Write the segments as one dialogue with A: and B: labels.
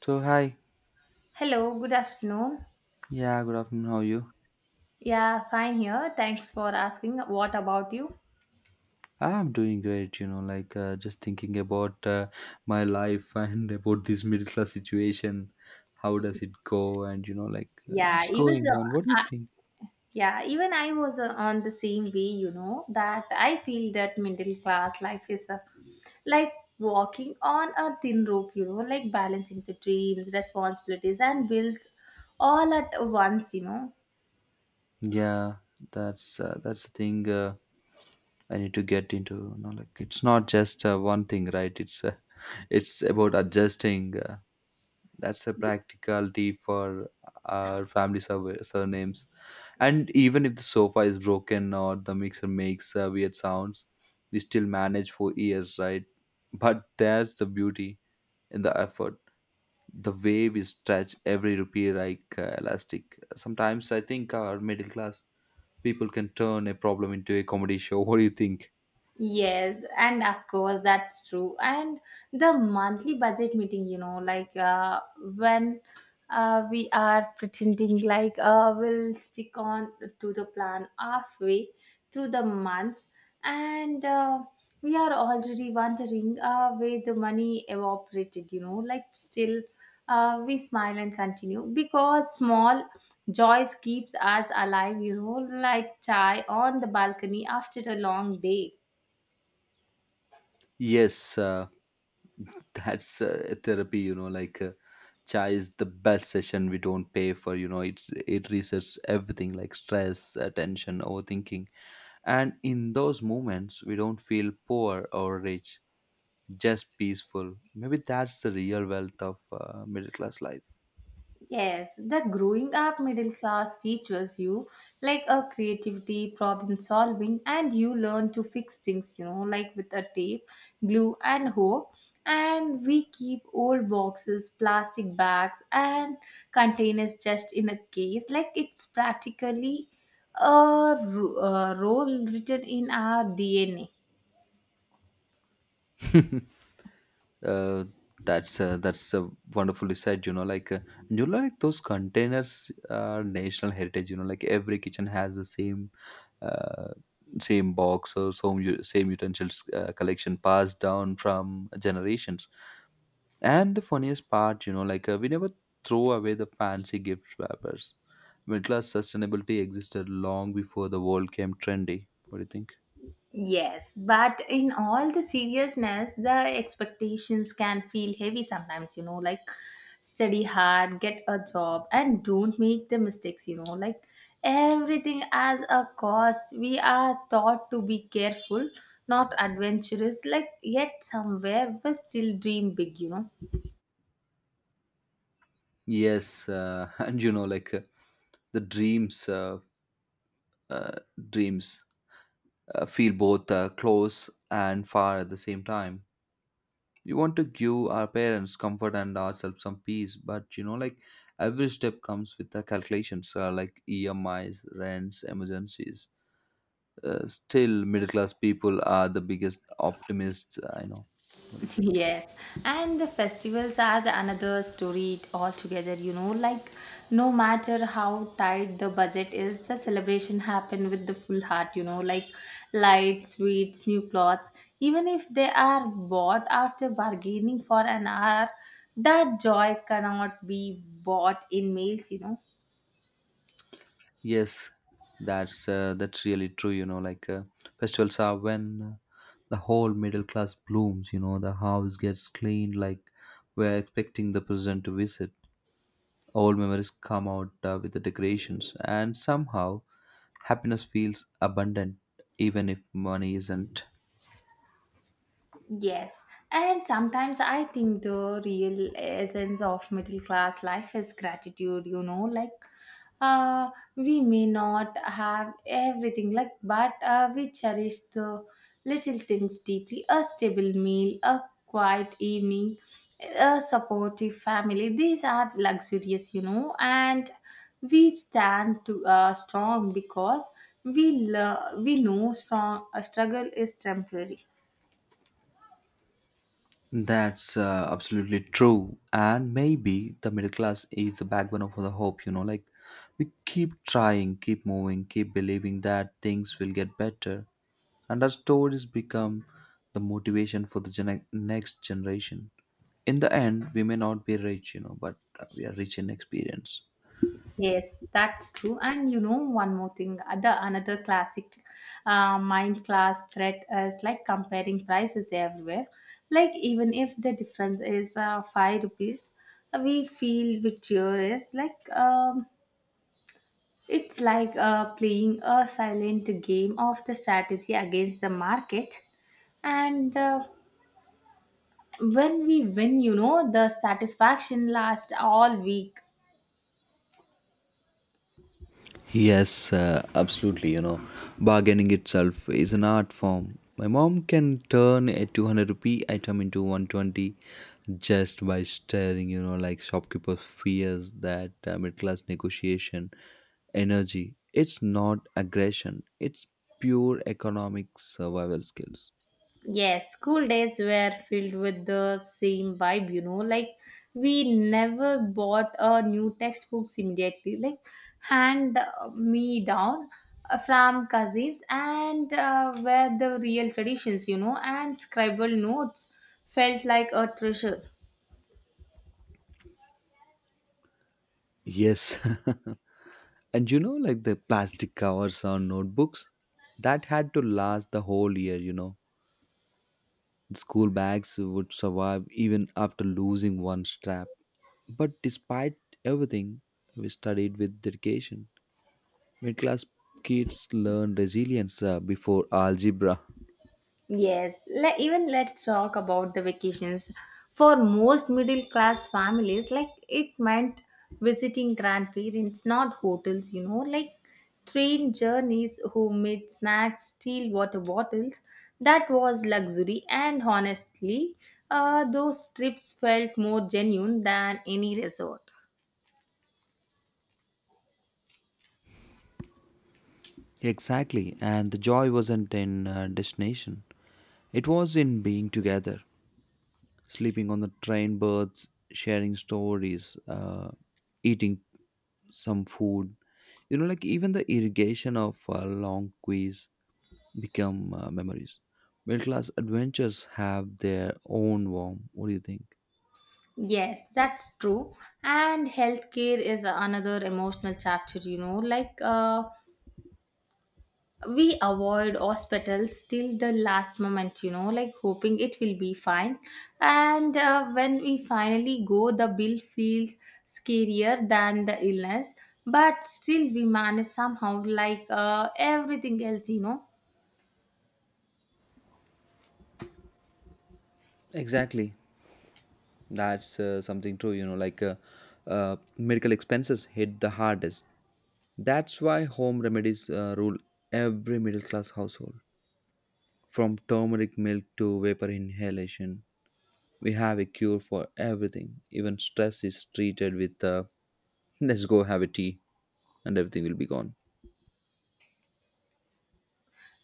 A: So hi,
B: Hello, good afternoon.
A: yeah, good afternoon. How are you?
B: Yeah, fine here. Thanks for asking. What about you?
A: I'm doing great. Just thinking about my life and about this middle class situation. How does it go? And
B: Yeah,
A: just
B: even so,
A: going on. What do you
B: I,
A: think?
B: yeah, even I was on the same way, you know, that I feel that middle class life is uh, like, walking on a thin rope, you know, like balancing the dreams, responsibilities, and bills all at once, you know.
A: Yeah, that's the thing. I need to get into. It's not just one thing, right? It's It's about adjusting. That's a practicality for our surnames. And even if the sofa is broken or the mixer makes weird sounds, we still manage for years, right? But there's the beauty in the effort. The way we stretch every rupee like elastic. Sometimes I think our middle class people can turn a problem into a comedy show. What do you think?
B: Yes, and of course that's true. And the monthly budget meeting, you know, when we are pretending like we'll stick on to the plan halfway through the month, and we are already wondering where the money evaporated, you know, like still we smile and continue because small joys keeps us alive, you know, like chai on the balcony after a long day.
A: Yes, that's Therapy, chai is the best session we don't pay for, it's it resets everything, like stress, tension, overthinking. And in those moments we don't feel poor or rich, just peaceful. Maybe that's the real wealth of middle class life.
B: Yes, the growing up middle class teaches you like a creativity, problem solving, and you learn to fix things, you know, like with a tape, glue, and hope. And we keep old boxes, plastic bags, and containers just in a case. Like it's practically a role written in our DNA.
A: uh, that's Wonderfully said. Those containers are national heritage. Every kitchen has the same uh, same box or same utensils collection passed down from generations. And the funniest part, we never throw away the fancy gift wrappers. Middle class sustainability existed long before the world came trendy. What do you think?
B: Yes, but in all the seriousness, the expectations can feel heavy sometimes, you know, like study hard, get a job, and don't make the mistakes, you know, like everything as a cost. We are taught to be careful, not adventurous, like yet somewhere we still dream big, you know.
A: Yes and you know like the dreams uh, dreams feel both close and far at the same time. We want to give our parents comfort and ourselves some peace, but every step comes with the calculations, like EMIs, rents, emergencies. Still, middle class people are the biggest optimists, I know. What do you think?
B: Yes, and the festivals are the another story altogether, you know, like no matter how tight the budget is, the celebration happen with the full heart, you know, like lights, sweets, new clothes, even if they are bought after bargaining for an hour, that joy cannot be bought in meals, you know.
A: Yes, that's really true. Festivals are when the whole middle class blooms. You know, the house gets cleaned, like we're expecting the president to visit. Old memories come out with the decorations, and somehow happiness feels abundant, even if money isn't.
B: Yes, and sometimes I think the real essence of middle class life is gratitude, you know, uh, we may not have everything, like, but we cherish the little things deeply a stable meal, a quiet evening, a supportive family. These are luxurious, you know, and we stand to strong because we know strong, struggle is temporary.
A: That's Absolutely true. And maybe the middle class is the backbone of the hope. You know, like we keep trying, keep moving, keep believing that things will get better, and our stories become the motivation for the next generation. In the end, we may not be rich, you know, but we are rich in experience.
B: Yes, that's true. And you know, one more thing, other another classic mind class threat is like comparing prices everywhere. Like even if the difference is five rupees, we feel victorious. It's like playing a silent game of the strategy against the market. And when we win, you know, the satisfaction lasts all week.
A: Yes, Absolutely. You know, bargaining itself is an art form. My mom can turn a 200 rupee item into 120 just by staring. You know, like shopkeepers fears that middle class negotiation energy. It's not aggression, it's pure economic survival skills.
B: Yes, school days were filled with the same vibe, you know. Like, we never bought a new textbooks immediately, like, hand me down from cousins, and were the real traditions, you know. And scribble notes felt like a treasure.
A: Yes. And you know, like the plastic covers on notebooks, that had to last the whole year, you know. School bags would survive even after losing one strap. But despite everything, we studied with dedication. Middle class kids learn resilience before algebra.
B: Yes, even let's talk about the vacations. For most middle class families, like it meant visiting grandparents, not hotels, you know, like train journeys, homemade snacks, steel water bottles. That was luxury, and honestly, those trips felt more genuine than any resort.
A: Exactly, and the joy wasn't in destination, it was in being together, sleeping on the train berths, sharing stories, eating some food. Even the irrigation of a long quiz become memories. Middle class adventures have their own warmth. What do you think?
B: Yes, that's true. And healthcare is another emotional chapter, you know, we avoid hospitals till the last moment, you know, like hoping it will be fine, and when we finally go the bill feels scarier than the illness, but still we manage somehow like everything else, you know.
A: Exactly. That's something true. Medical expenses hit the hardest. That's why home remedies rule every middle class household, from turmeric milk to vapor inhalation. We have a cure for everything. Even stress is treated with, let's go have a tea and everything will be gone.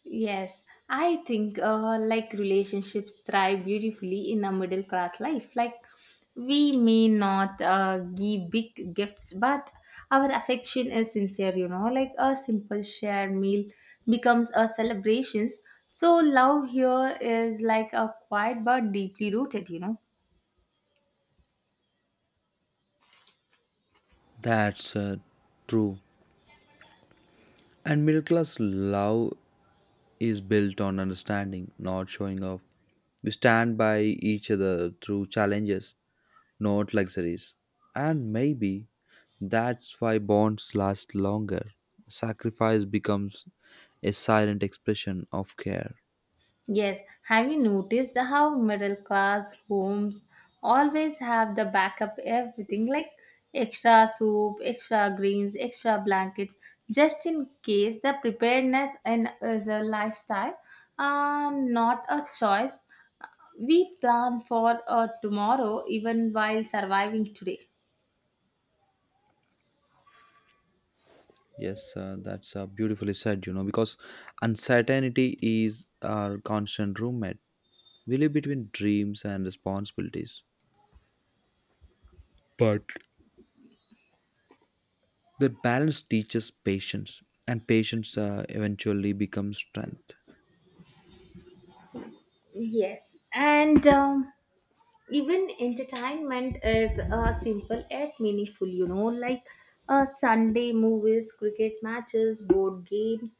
B: Yes, I think like relationships thrive beautifully in a middle class life. Like we may not give big gifts, but our affection is sincere. You know, like a simple shared meal becomes a celebrations. So love here is like a quiet but deeply rooted. You know.
A: That's True. And middle class love is built on understanding, not showing off. We stand by each other through challenges, not luxuries. And maybe that's why bonds last longer. Sacrifice becomes a silent expression of care.
B: Yes, have you noticed how middle class homes always have the backup everything like extra soup, extra greens, extra blankets, just in case the preparedness and is a lifestyle, not a choice. We plan for tomorrow even while surviving today.
A: Yes, that's Beautifully said, you know, because uncertainty is our constant roommate, really, between dreams and responsibilities. But the balance teaches patience, and patience eventually becomes strength.
B: Yes, and even entertainment is simple yet meaningful, you know, like Sunday movies, cricket matches, board games,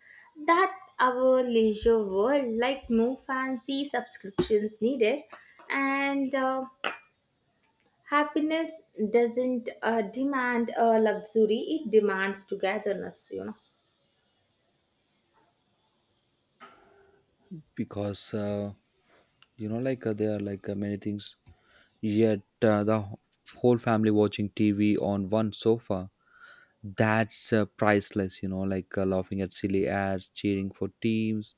B: that our leisure world, like no fancy subscriptions needed, and happiness doesn't demand luxury, it demands togetherness, you know.
A: Because, there are like many things, yet the whole family watching TV on one sofa. That's priceless. Laughing at silly ads, cheering for teams,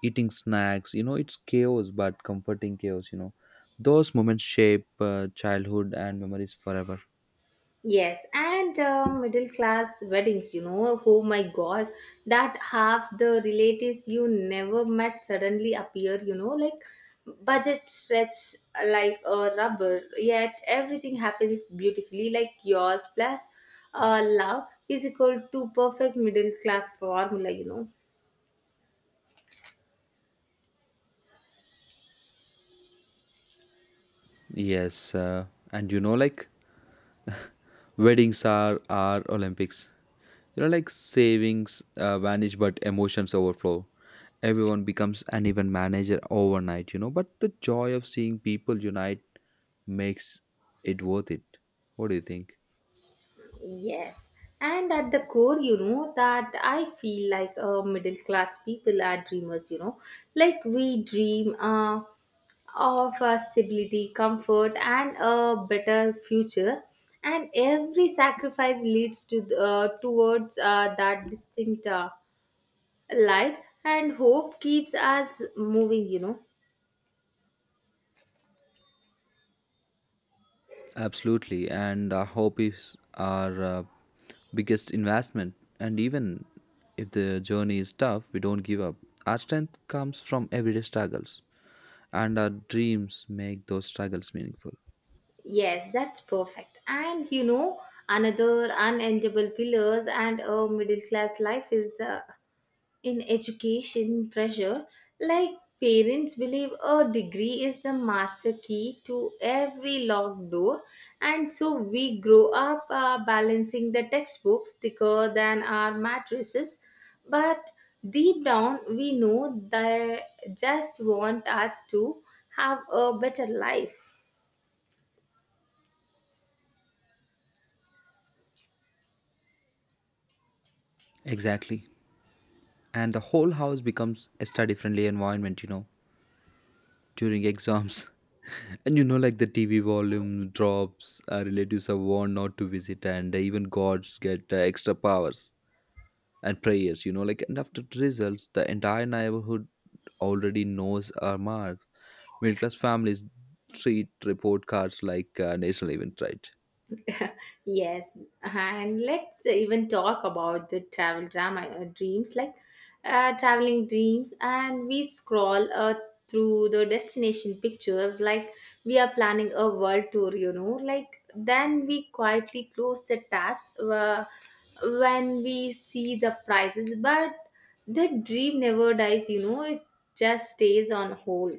A: eating snacks, it's chaos but comforting chaos. Those moments shape childhood and memories forever.
B: Yes, and middle class weddings, you know, oh my god, that half the relatives you never met suddenly appear, you know, like budget stretch like a rubber, yet everything happens beautifully, like yours plus love is equal to perfect middle class formula, you know.
A: yes uh, and weddings are olympics. Savings vanish but emotions overflow. Everyone becomes an event manager overnight, you know, but the joy of seeing people unite makes it worth it. What do you think?
B: Yes. And at the core, you know, that I feel like middle class people are dreamers, you know. Like we dream of stability, comfort, and a better future. And every sacrifice leads towards that distinct light, and hope keeps us moving, you know.
A: Absolutely, and hobbies are biggest investment. And even if the journey is tough, we don't give up. Our strength comes from everyday struggles, and our dreams make those struggles meaningful.
B: Yes, that's perfect. And you know, another unendable pillars and a middle class life is. In education pressure, like parents believe a degree is the master key to every locked door, and so we grow up balancing the textbooks thicker than our mattresses, but deep down we know they just want us to have a better life.
A: Exactly, and the whole house becomes a study-friendly environment. You know, during exams, and you know, like the TV volume drops. Our relatives are warned not to visit, and even gods get extra powers and prayers. And after the results the entire neighborhood already knows our marks. Middle class families treat report cards like national event, right?
B: Yes, and let's even talk about the travel drama dreams, like traveling dreams, and we scroll through the destination pictures like we are planning a world tour. You know, like then we quietly close the tabs when we see the prices, but the dream never dies. You know, it just stays on hold.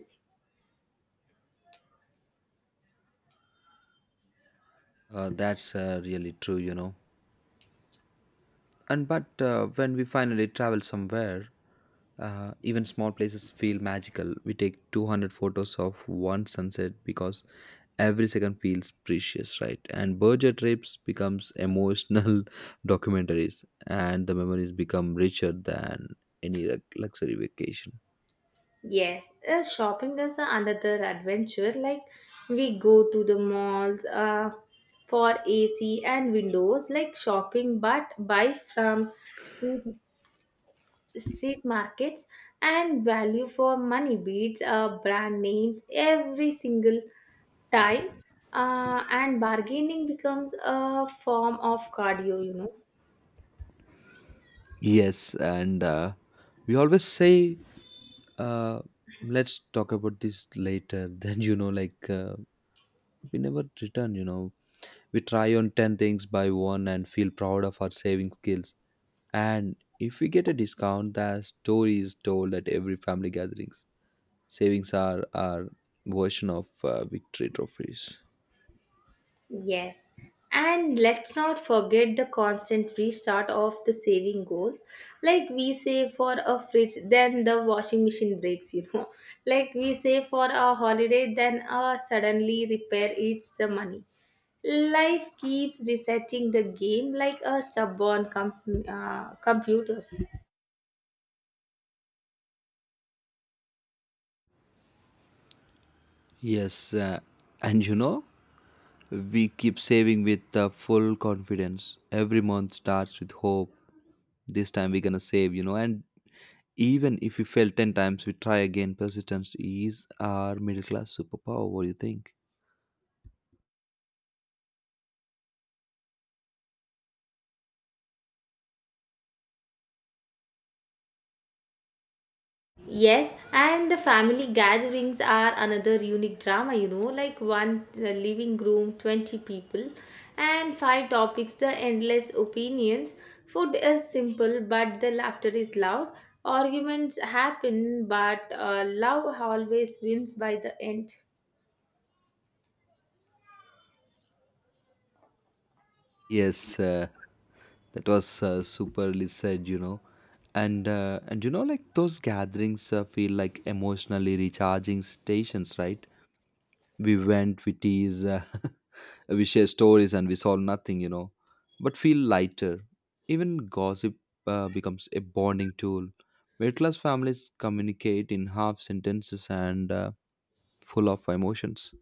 A: that's really true, you know. And but when we finally travel somewhere, even small places feel magical. We take 200 photos of one sunset because every second feels precious, right? And budget trips becomes emotional documentaries, and the memories become richer than any luxury vacation.
B: Yes, shopping is another adventure. Like we go to the malls for AC and windows, like shopping, but buy from street, street markets, and value for money beats, brand names every single time. And bargaining becomes a form of cardio, you know.
A: Yes, and we always say, uh, let's talk about this later. Then you know, like we never return. You know, we try on 10 things by one and feel proud of our saving skills. And if we get a discount, the story is told at every family gatherings. Savings are our version of victory trophies.
B: Yes. And let's not forget the constant restart of the saving goals. Like we save for a fridge, then the washing machine breaks, you know. Like we save for a holiday, then suddenly repair eats the money. Life keeps resetting the game like a stubborn computers.
A: Yes, uh, and you know, we keep saving with full confidence. Every month starts with hope. This time we're gonna save, you know. And even if we fail 10 times, we try again. Persistence is our middle class superpower. What do you think?
B: Yes, and the family gatherings are another unique drama, you know, like one living room, 20 people, and five topics, the endless opinions. Food is simple, but the laughter is loud. Arguments happen, but love always wins by the end.
A: Yes, that was Superly said, you know. And you know, like those gatherings feel like emotionally recharging stations, right? We went, we tease, we share stories, and we solve nothing, you know, but feel lighter. Even gossip becomes a bonding tool. Middle class families communicate in half sentences and full of emotions.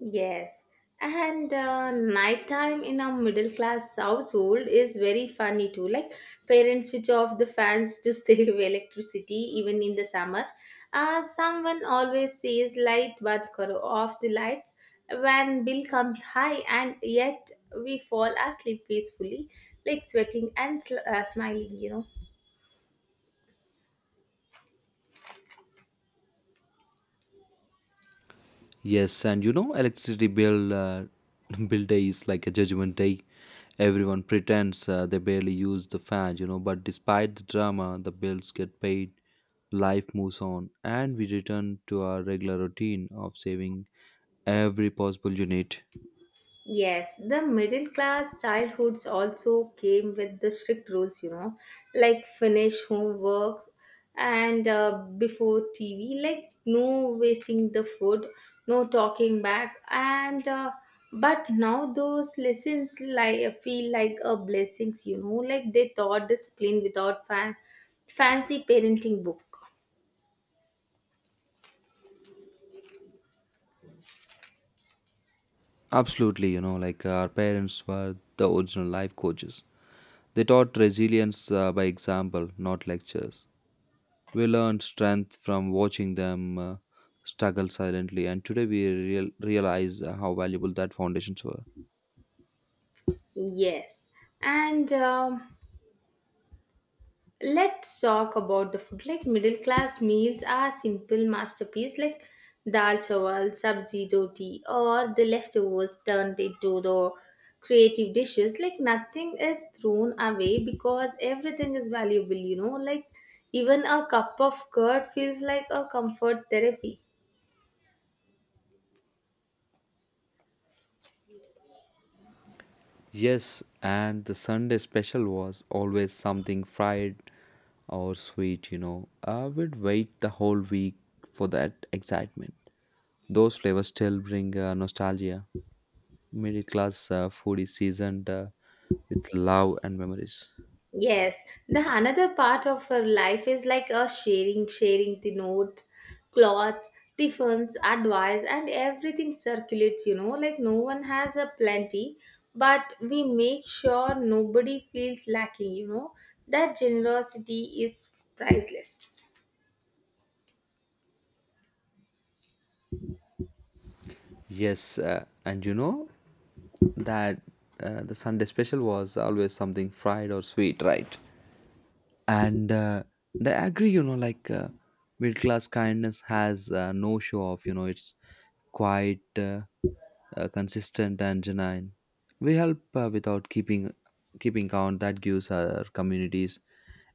B: Yes, and nighttime in a middle class household is very funny too. Like parents switch off the fans to save electricity even in the summer. Someone always says light but karo off the lights when bill comes high, and yet we fall asleep peacefully, like sweating and smiling, you know.
A: Yes, and you know, electricity bill bill day is like a judgment day. Everyone pretends they barely use the fan, you know, but despite the drama, the bills get paid, life moves on, and we return to our regular routine of saving every possible unit.
B: Yes, the middle class childhoods also came with the strict rules, you know, like finish homeworks and before TV, like no wasting the food, no talking back, and but now those lessons like feel like a blessings, you know, like they taught discipline without fancy parenting book.
A: Absolutely, you know, like our parents were the original life coaches. They taught resilience by example, not lectures. We learned strength from watching them struggle silently, and today we realize how valuable that foundations were.
B: Yes, and. Let's talk about the food. Like middle class meals are simple masterpiece like dal chawal, sabzi roti, or the leftovers turned into the creative dishes. Like nothing is thrown away because everything is valuable, you know. Like even a cup of curd feels like a comfort therapy.
A: Yes, and the Sunday special was always something fried or sweet, you know. I would wait the whole week for that excitement. Those flavors still bring nostalgia. Middle class food is seasoned with love and memories.
B: Yes, the another part of her life is like a sharing, sharing the notes, clothes, the funds, advice, and everything circulates. You know, like no one has a plenty, but we make sure nobody feels lacking. You know, that generosity is priceless.
A: Yes, and you know, that the Sunday special was always something fried or sweet, right? And I agree. Middle class kindness has no show off, you know. It's quite uh, uh, consistent and genuine. We help without keeping count. That gives our communities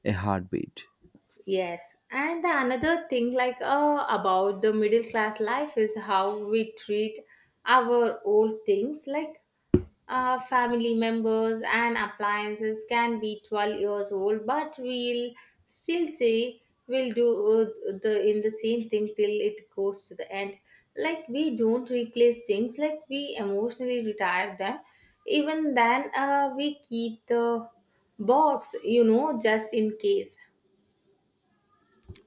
A: a heartbeat.
B: Yes, and the another thing like about the middle class life is how we treat our old things, like family members and appliances can be 12 years old, but we'll still say we'll do the in the same thing till it goes to the end. Like we don't replace things, like we emotionally retire them, even then we keep the box, you know, just in case.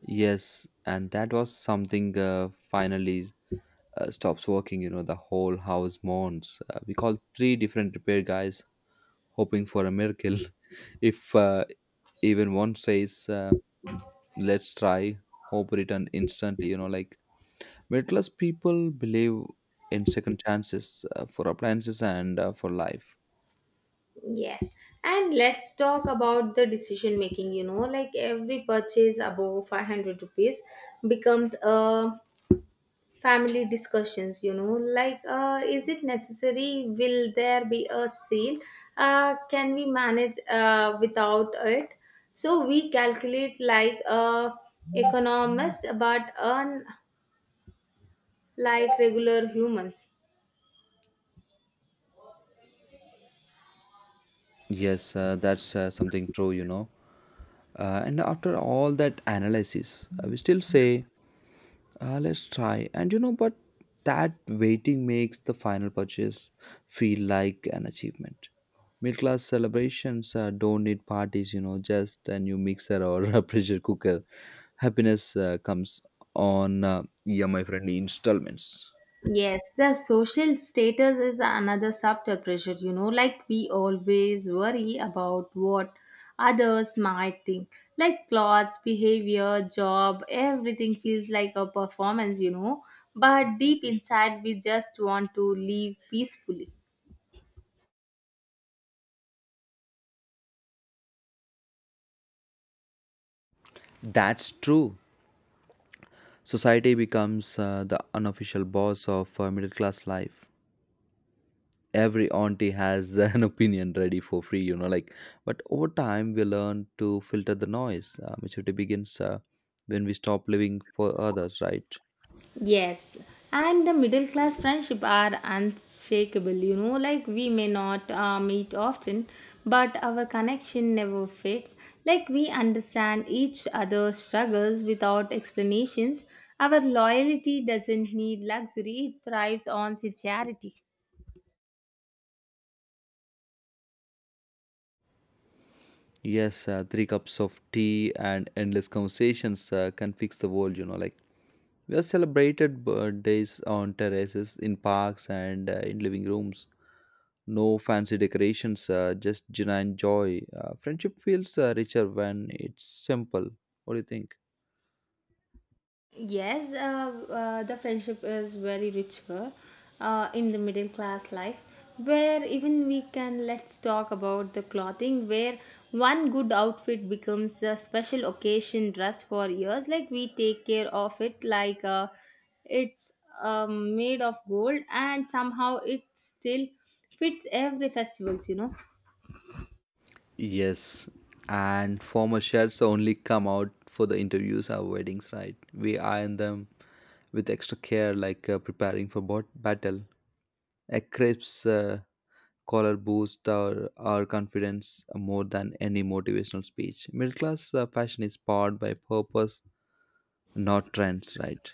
A: Yes, and that was something finally stops working. You know, the whole house mourns. We called three different repair guys hoping for a miracle. If even one says, let's try, hope return instantly. You know, like middle class people believe in second chances for appliances and for life.
B: Yes. And let's talk about the decision making, you know, like every purchase above 500 rupees becomes a family discussions, you know, like, is it necessary? Will there be a sale? Can we manage without it? So we calculate like economists, but unlike regular humans.
A: Yes, that's Something true, you know. And after all that analysis, we still say, let's try. And you know, but that waiting makes the final purchase feel like an achievement. Middle class celebrations don't need parties, you know, just a new mixer or a pressure cooker. Happiness comes on EMI friendly installments.
B: Yes, the social status is another subtle pressure, you know, like we always worry about what others might think. Like clothes, behavior, job, everything feels like a performance, you know, but deep inside we just want to live peacefully.
A: That's true. Society becomes the unofficial boss of middle class life. Every auntie has an opinion ready for free, you know, like but over time we learn to filter the noise. Maturity begins when we stop living for others, right?
B: Yes, and the middle class friendship are unshakable. You know, like we may not meet often, but our connection never fades. Like we understand each other's struggles without explanations. Our loyalty doesn't need luxury; it thrives on sincerity.
A: Yes Three cups of tea and endless conversations can fix the world. We have celebrated birthdays on terraces, in parks, and in living rooms. No fancy decorations, just genuine joy. Uh, friendship feels richer when it's simple. What do you think?
B: Yes, the friendship is very richer, here in the middle class life, where even we can let's talk about the clothing, where one good outfit becomes a special occasion dress for years. Like we take care of it, like it's made of gold, and somehow it still fits every festivals. You know,
A: Yes, and former chefs only come out for the interviews or weddings, right? We iron them with extra care, like preparing for battle. A crisp's collar boosts our confidence more than any motivational speech. Middle class fashion is powered by purpose, not trends, right?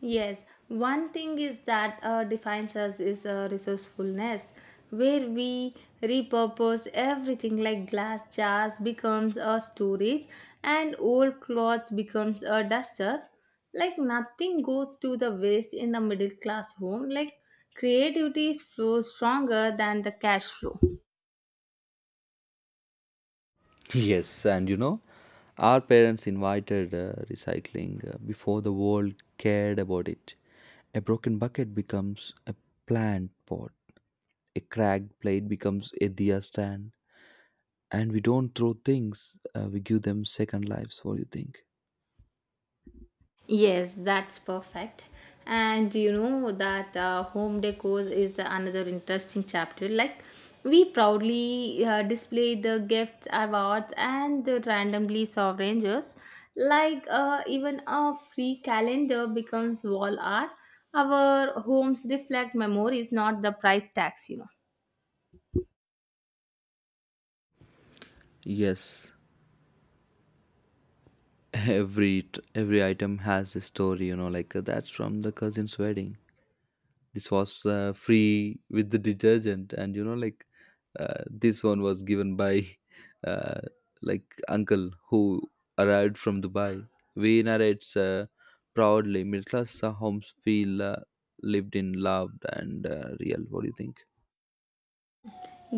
B: yes, one thing is that defines us is resourcefulness, where we repurpose everything like glass jars becomes a storage and old clothes becomes a duster. Like nothing goes to the waste in a middle class home. Like creativity flows stronger than the cash flow.
A: Yes, and you know, our parents invited recycling before the world cared about it. A broken bucket becomes a plant pot. A cracked plate becomes a diya stand, and we don't throw things; we give them second lives. What do you think?
B: Yes, that's perfect. And you know that home decor is the another interesting chapter. Like we proudly display the gifts, awards, and the randomly souvenirs. Like even a free calendar becomes wall art. Our homes reflect memories, not the price tags. You know.
A: Yes, every item has a story. That's from the cousin's wedding. This was free with the detergent. And you know, like This one was given by uh, like uncle who arrived from Dubai. We narrates proudly. Middle class homes feel lived in, loved, and real. What do you think?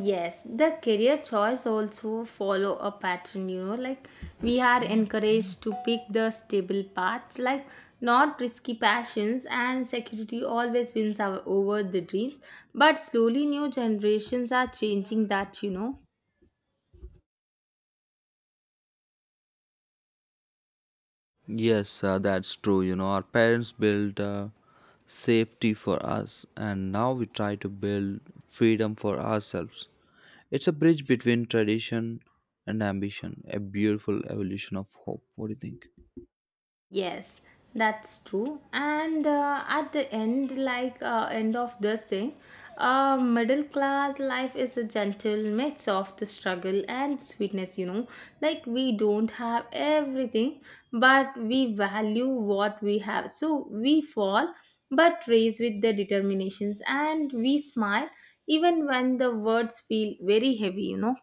B: Yes, the career choice also follow a pattern, you know, like we are encouraged to pick the stable paths, like not risky passions and security always wins our, over the dreams, but slowly new generations are changing that, you know.
A: Yes, that's true. You know, our parents built safety for us, and now we try to build freedom for ourselves. It's a bridge between tradition and ambition, a beautiful evolution of hope. What do you think?
B: Yes, that's true. And at the end, like end of this thing, middle class life is a gentle mix of the struggle and sweetness. You know, like we don't have everything, but we value what we have. So we fall, but raise with the determinations, and we smile even when the words feel very heavy. You know.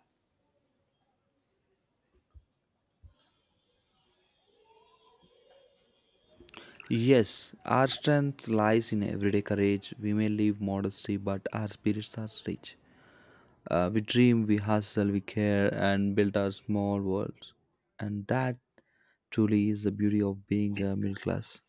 A: Yes, our strength lies in everyday courage. We may live modesty, but our spirits are rich. We dream, we hustle, we care, and build our small worlds. And that truly is the beauty of being a middle class.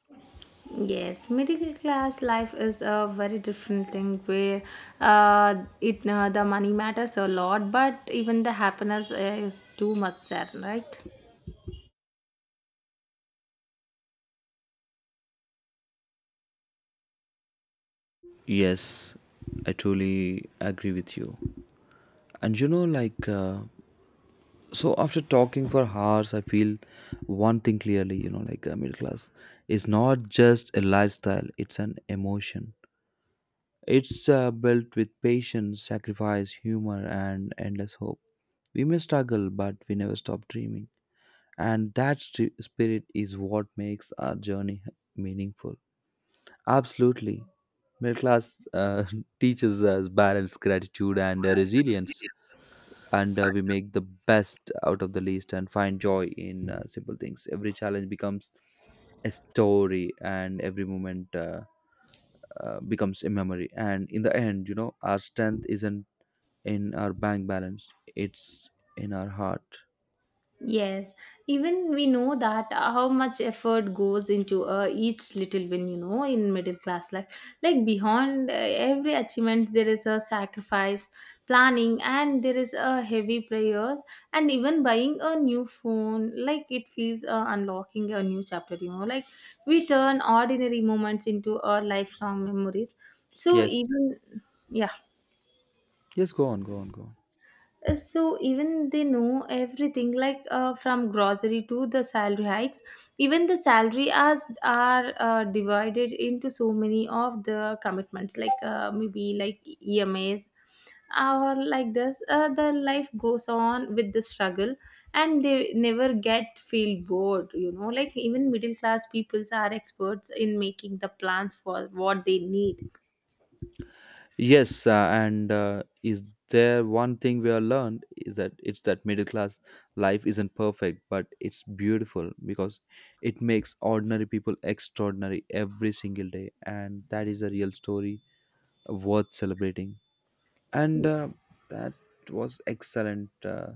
B: Yes, middle class life is a very different thing where it the money matters a lot, but even the happiness is too much there, right?
A: Yes, I truly agree with you. And so after talking for hours, I feel one thing clearly. Middle class is not just a lifestyle, it's an emotion. It's built with patience, sacrifice, humor, and endless hope. We may struggle, but we never stop dreaming. And that spirit is what makes our journey meaningful. Absolutely. Middle class teaches us balance, gratitude, and resilience. And we make the best out of the least and find joy in simple things. Every challenge becomes a story, and every moment becomes a memory. And in the end, you know, our strength isn't in our bank balance, it's in our heart.
B: Yes, even we know that how much effort goes into each little win, you know, in middle class life. Like beyond every achievement, there is a sacrifice, planning, and there is a heavy prayers, and even buying a new phone. Like it feels unlocking a new chapter, you know. Like we turn ordinary moments into our lifelong memories. So
A: Yes.
B: even yeah.
A: Yes, go on, go on, go on.
B: So even they know everything like from grocery to the salary hikes, even the salary as are divided into so many of the commitments, like maybe like emas, or like this the life goes on with the struggle, and they never get feel bored, you know, like even middle class peoples are experts in making the plans for what they need.
A: Yes, and Is there one thing we have learned is that it's that middle class life isn't perfect, but it's beautiful because it makes ordinary people extraordinary every single day, and that is a real story worth celebrating. And that was excellent.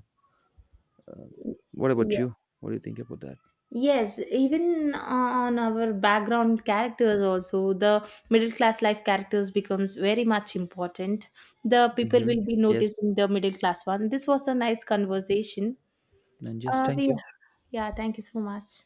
A: uh, what about you? What do you think about that?
B: Yes, even on our background characters also, the middle class life characters becomes very much important. The people
A: Hmm.
B: will be
A: Yes,
B: noticing the middle class one. This was a nice conversation.
A: and yes,
B: Uh,
A: thank
B: we,
A: you.
B: yeah, thank you so much.